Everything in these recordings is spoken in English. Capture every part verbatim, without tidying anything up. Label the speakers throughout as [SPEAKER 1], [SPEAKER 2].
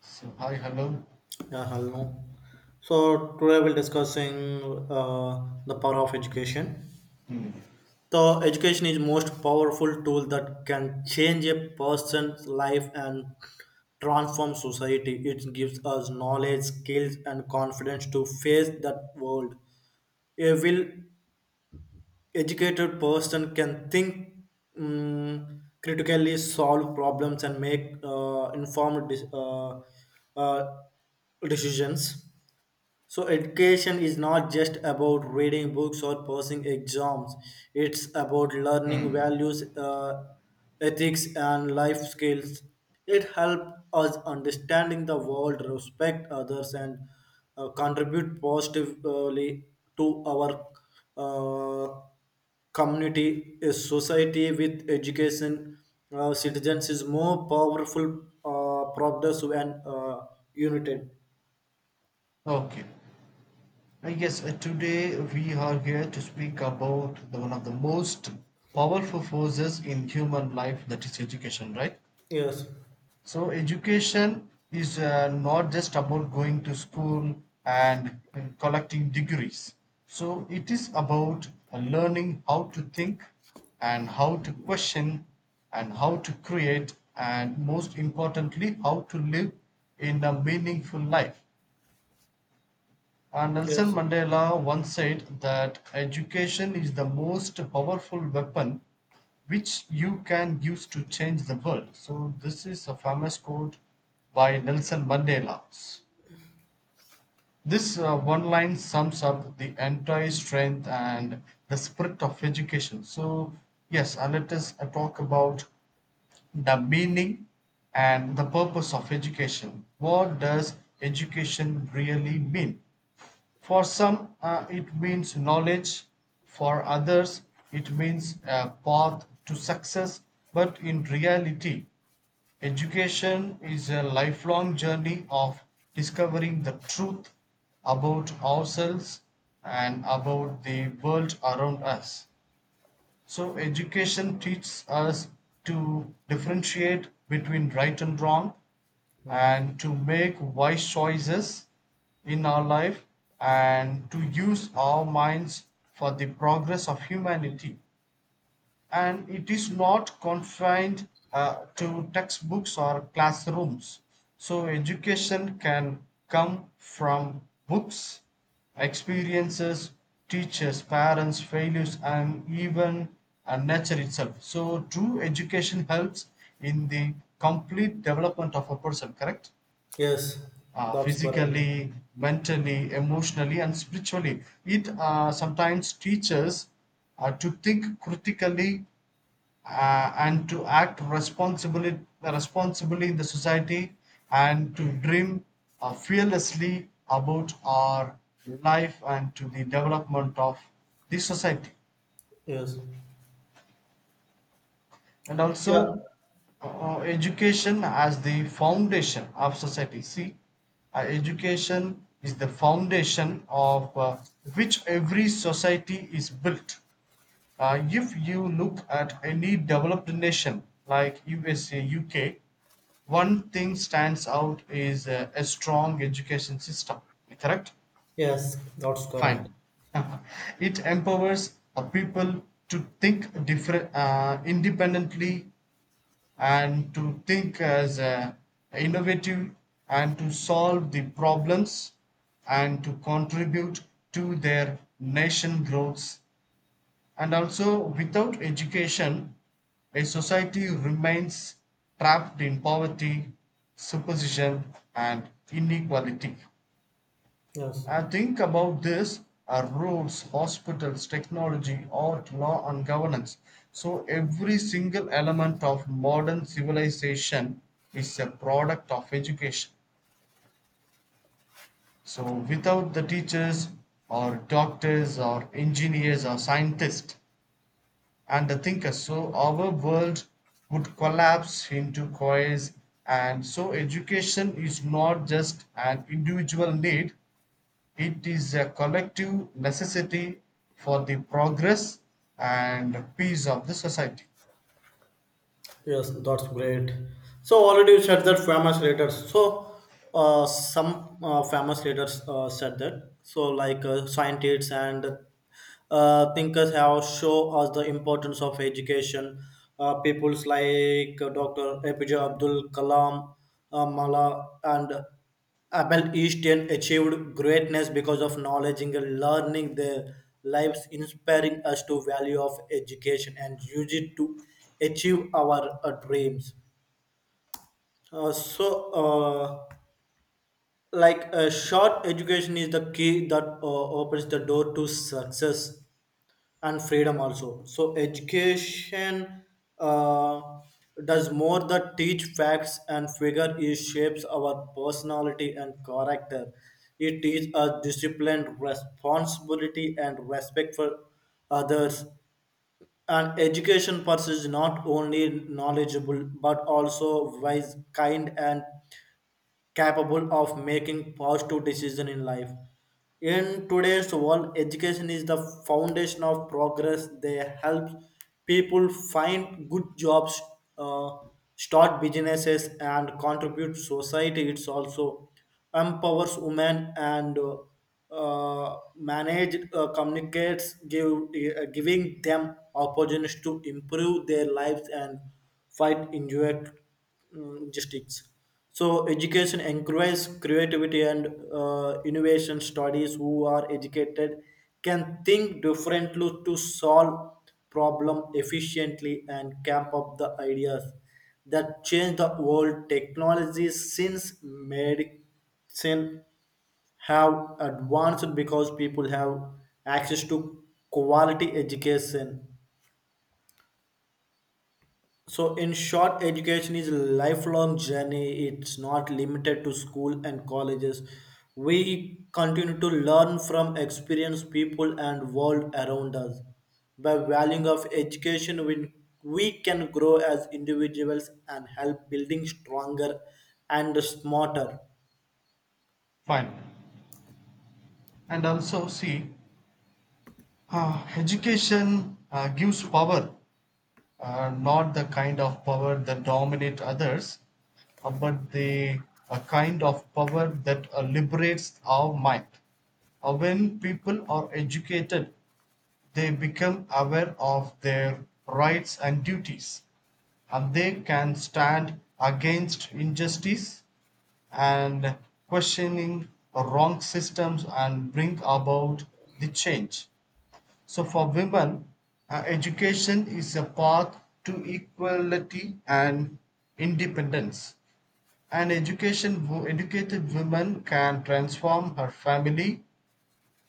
[SPEAKER 1] So, hi, hello.
[SPEAKER 2] Yeah, hello. So today we'll discussing uh, the power of education.
[SPEAKER 1] Hmm.
[SPEAKER 2] The education is most powerful tool that can change a person's life and transform society. It gives us knowledge, skills, and confidence to face that world. A well-educated person can think mm, critically, solve problems, and make uh, informed dis- uh, uh, decisions. So, education is not just about reading books or passing exams, it's about learning
[SPEAKER 1] Hmm.
[SPEAKER 2] values, uh, ethics, and life skills. It helps us understanding the world, respect others, and uh, contribute positively to our uh, community. A society with education uh, citizens is more powerful, uh, progressive, and uh, united.
[SPEAKER 1] Okay. I guess uh, today we are here to speak about the, one of the most powerful forces in human life, that is education, right?
[SPEAKER 2] Yes,
[SPEAKER 1] So education is uh, not just about going to school and, and collecting degrees. So it is about uh, learning how to think, and how to question, and how to create, and most importantly how to live in a meaningful life. And Nelson
[SPEAKER 2] yes.
[SPEAKER 1] Mandela once said that education is the most powerful weapon which you can use to change the world. So, this is a famous quote by Nelson Mandela. This uh, one line sums up the entire strength and the spirit of education. So, yes, uh, let us uh, talk about the meaning and the purpose of education. What does education really mean? For some, uh, it means knowledge, for others, it means a path to success, but in reality, education is a lifelong journey of discovering the truth about ourselves and about the world around us. So education teaches us to differentiate between right and wrong, and to make wise choices in our life, and to use our minds for the progress of humanity, and it is not confined uh, to textbooks or classrooms. So, education can come from books, experiences, teachers, parents, failures, and even uh, nature itself. So, true education helps in the complete development of a person, correct?
[SPEAKER 2] Yes,
[SPEAKER 1] Uh,
[SPEAKER 2] that's correct.
[SPEAKER 1] physically, mentally, emotionally, and spiritually. It uh, sometimes teaches uh, to think critically uh, and to act responsibly, responsibly in the society, and to dream uh, fearlessly about our life and to the development of the society.
[SPEAKER 2] Yes.
[SPEAKER 1] And
[SPEAKER 2] Yeah.
[SPEAKER 1] also uh, education as the foundation of society. See, uh, education is the foundation of uh, which every society is built. Uh, if you look at any developed nation like U S A, U K, one thing stands out is uh, a strong education system. Correct?
[SPEAKER 2] Yes, that's correct.
[SPEAKER 1] Fine. It empowers uh, people to think different, uh, independently, and to think as uh, innovative, and to solve the problems, and to contribute to their nation growth. And also, without education, a society remains trapped in poverty, superstition, and inequality.
[SPEAKER 2] Yes.
[SPEAKER 1] I think about this: uh, roads, hospitals, technology, art, law, and governance. So, every single element of modern civilization is a product of education. So, without the teachers, or doctors, or engineers, or scientists, and the thinker, so our world would collapse into coils. And so education is not just an individual need, it is a collective necessity for the progress and peace of the society.
[SPEAKER 2] Yes, that's great. So already you said that famous leaders. So uh, some uh, famous leaders uh, said that. So like uh, scientists and uh, thinkers have show us the importance of education. Uh, peoples like uh, Doctor A P J Abdul Kalam, uh, Mala, and Abel Easton achieved greatness because of knowledge and learning their lives, inspiring us to value of education and use it to achieve our uh, dreams. Uh, so, uh, like a short, education is the key that uh, opens the door to success and freedom also. So education uh, does more than teach facts and figure. It shapes our personality and character. It teaches us discipline, responsibility, and respect for others. And education pursues not only knowledgeable but also wise, kind, and capable of making positive decisions in life. In today's world, education is the foundation of progress. They help people find good jobs, uh, start businesses, and contribute society. It's also empowers women and uh, uh, manage uh, communicates, give uh, giving them opportunities to improve their lives and fight injury mm, districts. So education encourages creativity and uh, innovation. Studies who are educated can think differently to solve problem efficiently and camp up the ideas that change the world. Technologies since medicine have advanced because people have access to quality education. So, in short, education is a lifelong journey. It's not limited to school and colleges. We continue to learn from experienced people and world around us. By valuing of education, we, we can grow as individuals and help building stronger and smarter.
[SPEAKER 1] Fine. And also, see, uh, education uh, gives power, uh, not the kind of power that dominate others, uh, but the a kind of power that uh, liberates our mind. Uh, when people are educated, they become aware of their rights and duties, and they can stand against injustice and questioning wrong systems and bring about the change. So for women, uh, education is a path to equality and independence. And education, wo- educated women can transform her family,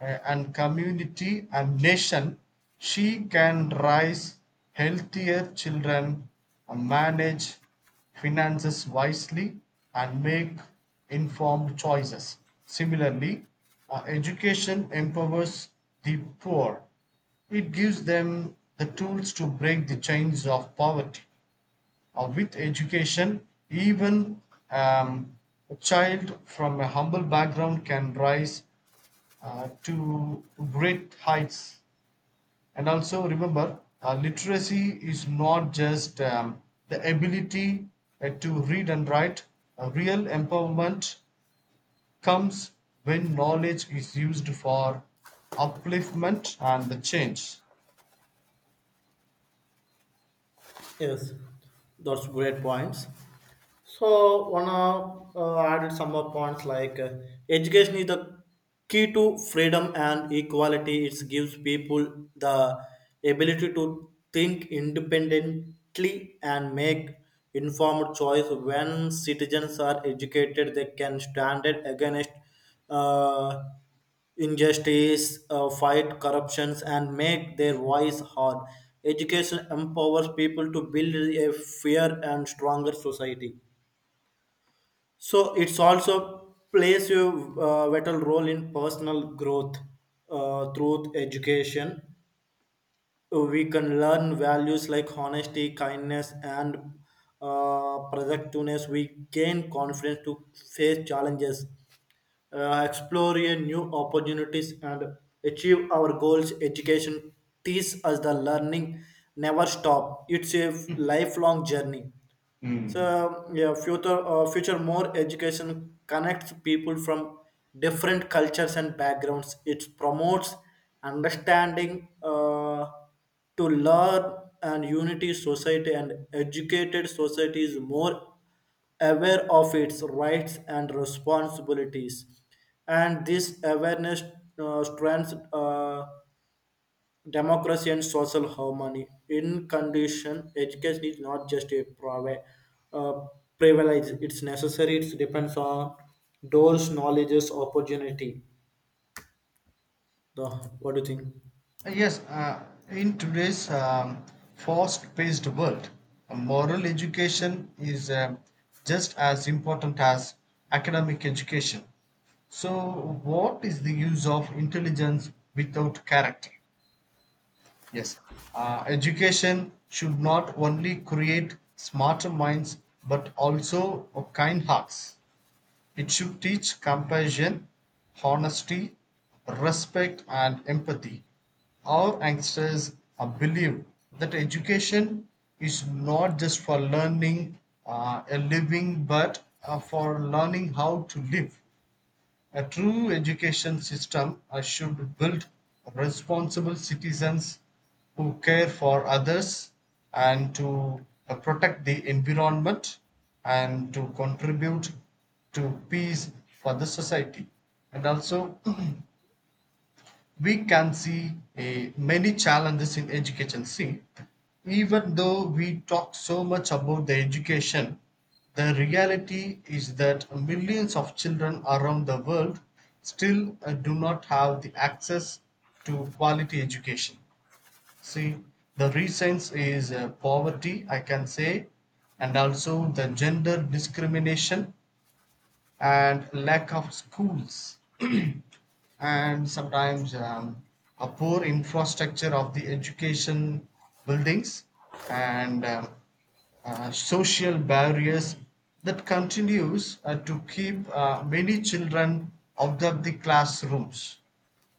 [SPEAKER 1] uh, and community and nation, she can raise healthier children, uh, manage finances wisely, and make informed choices. Similarly, uh, education empowers the poor, it gives them the tools to break the chains of poverty. Uh, with education, even um, a child from a humble background can rise uh, to great heights. And also remember, uh, literacy is not just um, the ability uh, to read and write. A real empowerment comes when knowledge is used for upliftment and the change.
[SPEAKER 2] Yes, that's great points. So wanna uh, added some more points like uh, education is the key to freedom and equality. It gives people the ability to think independently and make informed choice. When citizens are educated, they can stand it against. Uh, Injustice, uh, fight corruptions, and make their voice heard. Education empowers people to build a fair and stronger society. So it's also plays a uh, vital role in personal growth. Uh, through education we can learn values like honesty, kindness, and uh, productiveness. We gain confidence to face challenges, uh, explore a new opportunities, and achieve our goals. Education teaches us the learning never stop. It's a lifelong journey. So
[SPEAKER 1] Hmm.
[SPEAKER 2] um, yeah, future uh, future more education connects people from different cultures and backgrounds. It promotes understanding uh, to learn and unity society. And educated society is more aware of its rights and responsibilities, and this awareness uh, strengthens uh, democracy and social harmony. In condition, education is not just a privi- uh, privilege, it's necessary. It depends on doors, knowledges, opportunity. The, what do you think?
[SPEAKER 1] Yes, uh, in today's um, fast paced world, a moral education is um just as important as academic education. So, what is the use of intelligence without character? Yes, uh, education should not only create smarter minds but also kind hearts. It should teach compassion, honesty, respect, and empathy. Our youngsters uh, believe that education is not just for learning uh, a living but uh, for learning how to live. A true education system uh, should build responsible citizens who care for others, and to uh, protect the environment, and to contribute to peace for the society. And also, we can see eh, many challenges in education. See, even though we talk so much about the education, the reality is that millions of children around the world still uh, do not have the access to quality education. See, the reasons is uh, poverty, I can say, and also the gender discrimination and lack of schools, and sometimes um, a poor infrastructure of the education buildings, and um, uh, social barriers that continues uh, to keep uh, many children out of the classrooms.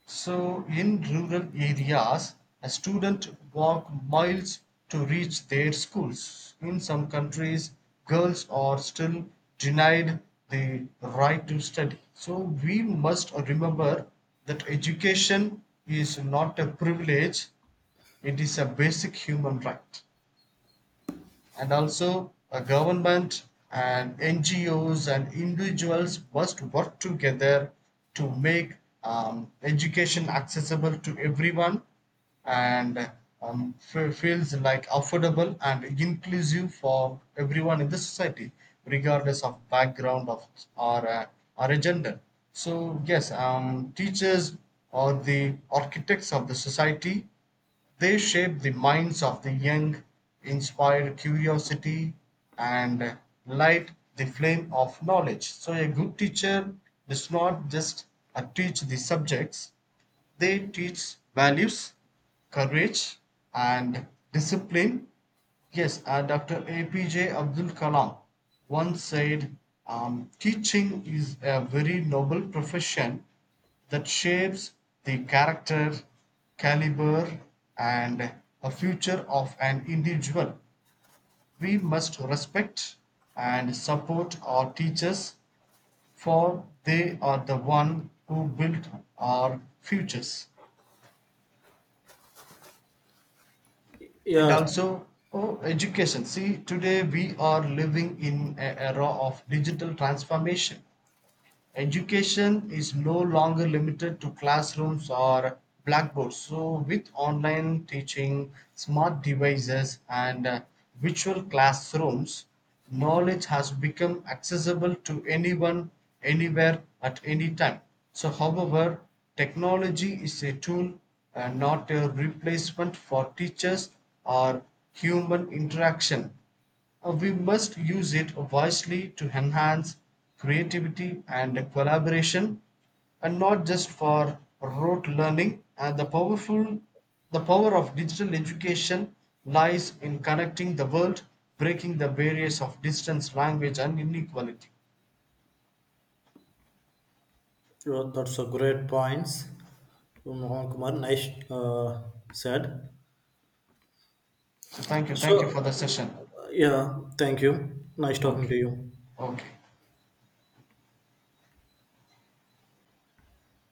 [SPEAKER 1] So in rural areas, a student walk miles to reach their schools. In some countries, girls are still denied the right to study. So we must remember that education is not a privilege, it is a basic human right. And also, a government and N G Os and individuals must work together to make um, education accessible to everyone, and um, fe- feels like affordable and inclusive for everyone in the society, regardless of background of, or uh, or a gender. So yes, um, teachers are the architects of the society, they shape the minds of the young, inspire curiosity, and light the flame of knowledge. So, a good teacher does not just uh, teach the subjects, they teach values, courage, and discipline. Yes, uh, doctor A P J Abdul Kalam once said, um, teaching is a very noble profession that shapes the character, caliber, and a future of an individual. We must respect and support our teachers, for they are the one who build our futures.
[SPEAKER 2] Yes,
[SPEAKER 1] And
[SPEAKER 2] yeah,
[SPEAKER 1] also, oh, education, see, today we are living in an era of digital transformation. Education is no longer limited to classrooms or blackboards. So, with online teaching, smart devices, and uh, virtual classrooms, knowledge has become accessible to anyone, anywhere, at any time. So, however, technology is a tool, uh, not a replacement for teachers or human interaction. Uh, We must use it wisely to enhance creativity and collaboration, and not just for rote learning. And the powerful the power of digital education lies in connecting the world, breaking the barriers of distance, language and inequality.
[SPEAKER 2] sure. That's a great points. Mohan Kumar, nice uh, said.
[SPEAKER 1] So thank you,
[SPEAKER 2] So,
[SPEAKER 1] thank you for the
[SPEAKER 2] uh,
[SPEAKER 1] session.
[SPEAKER 2] yeah, thank you. Nice talking
[SPEAKER 1] Okay.
[SPEAKER 2] to you.
[SPEAKER 1] Okay.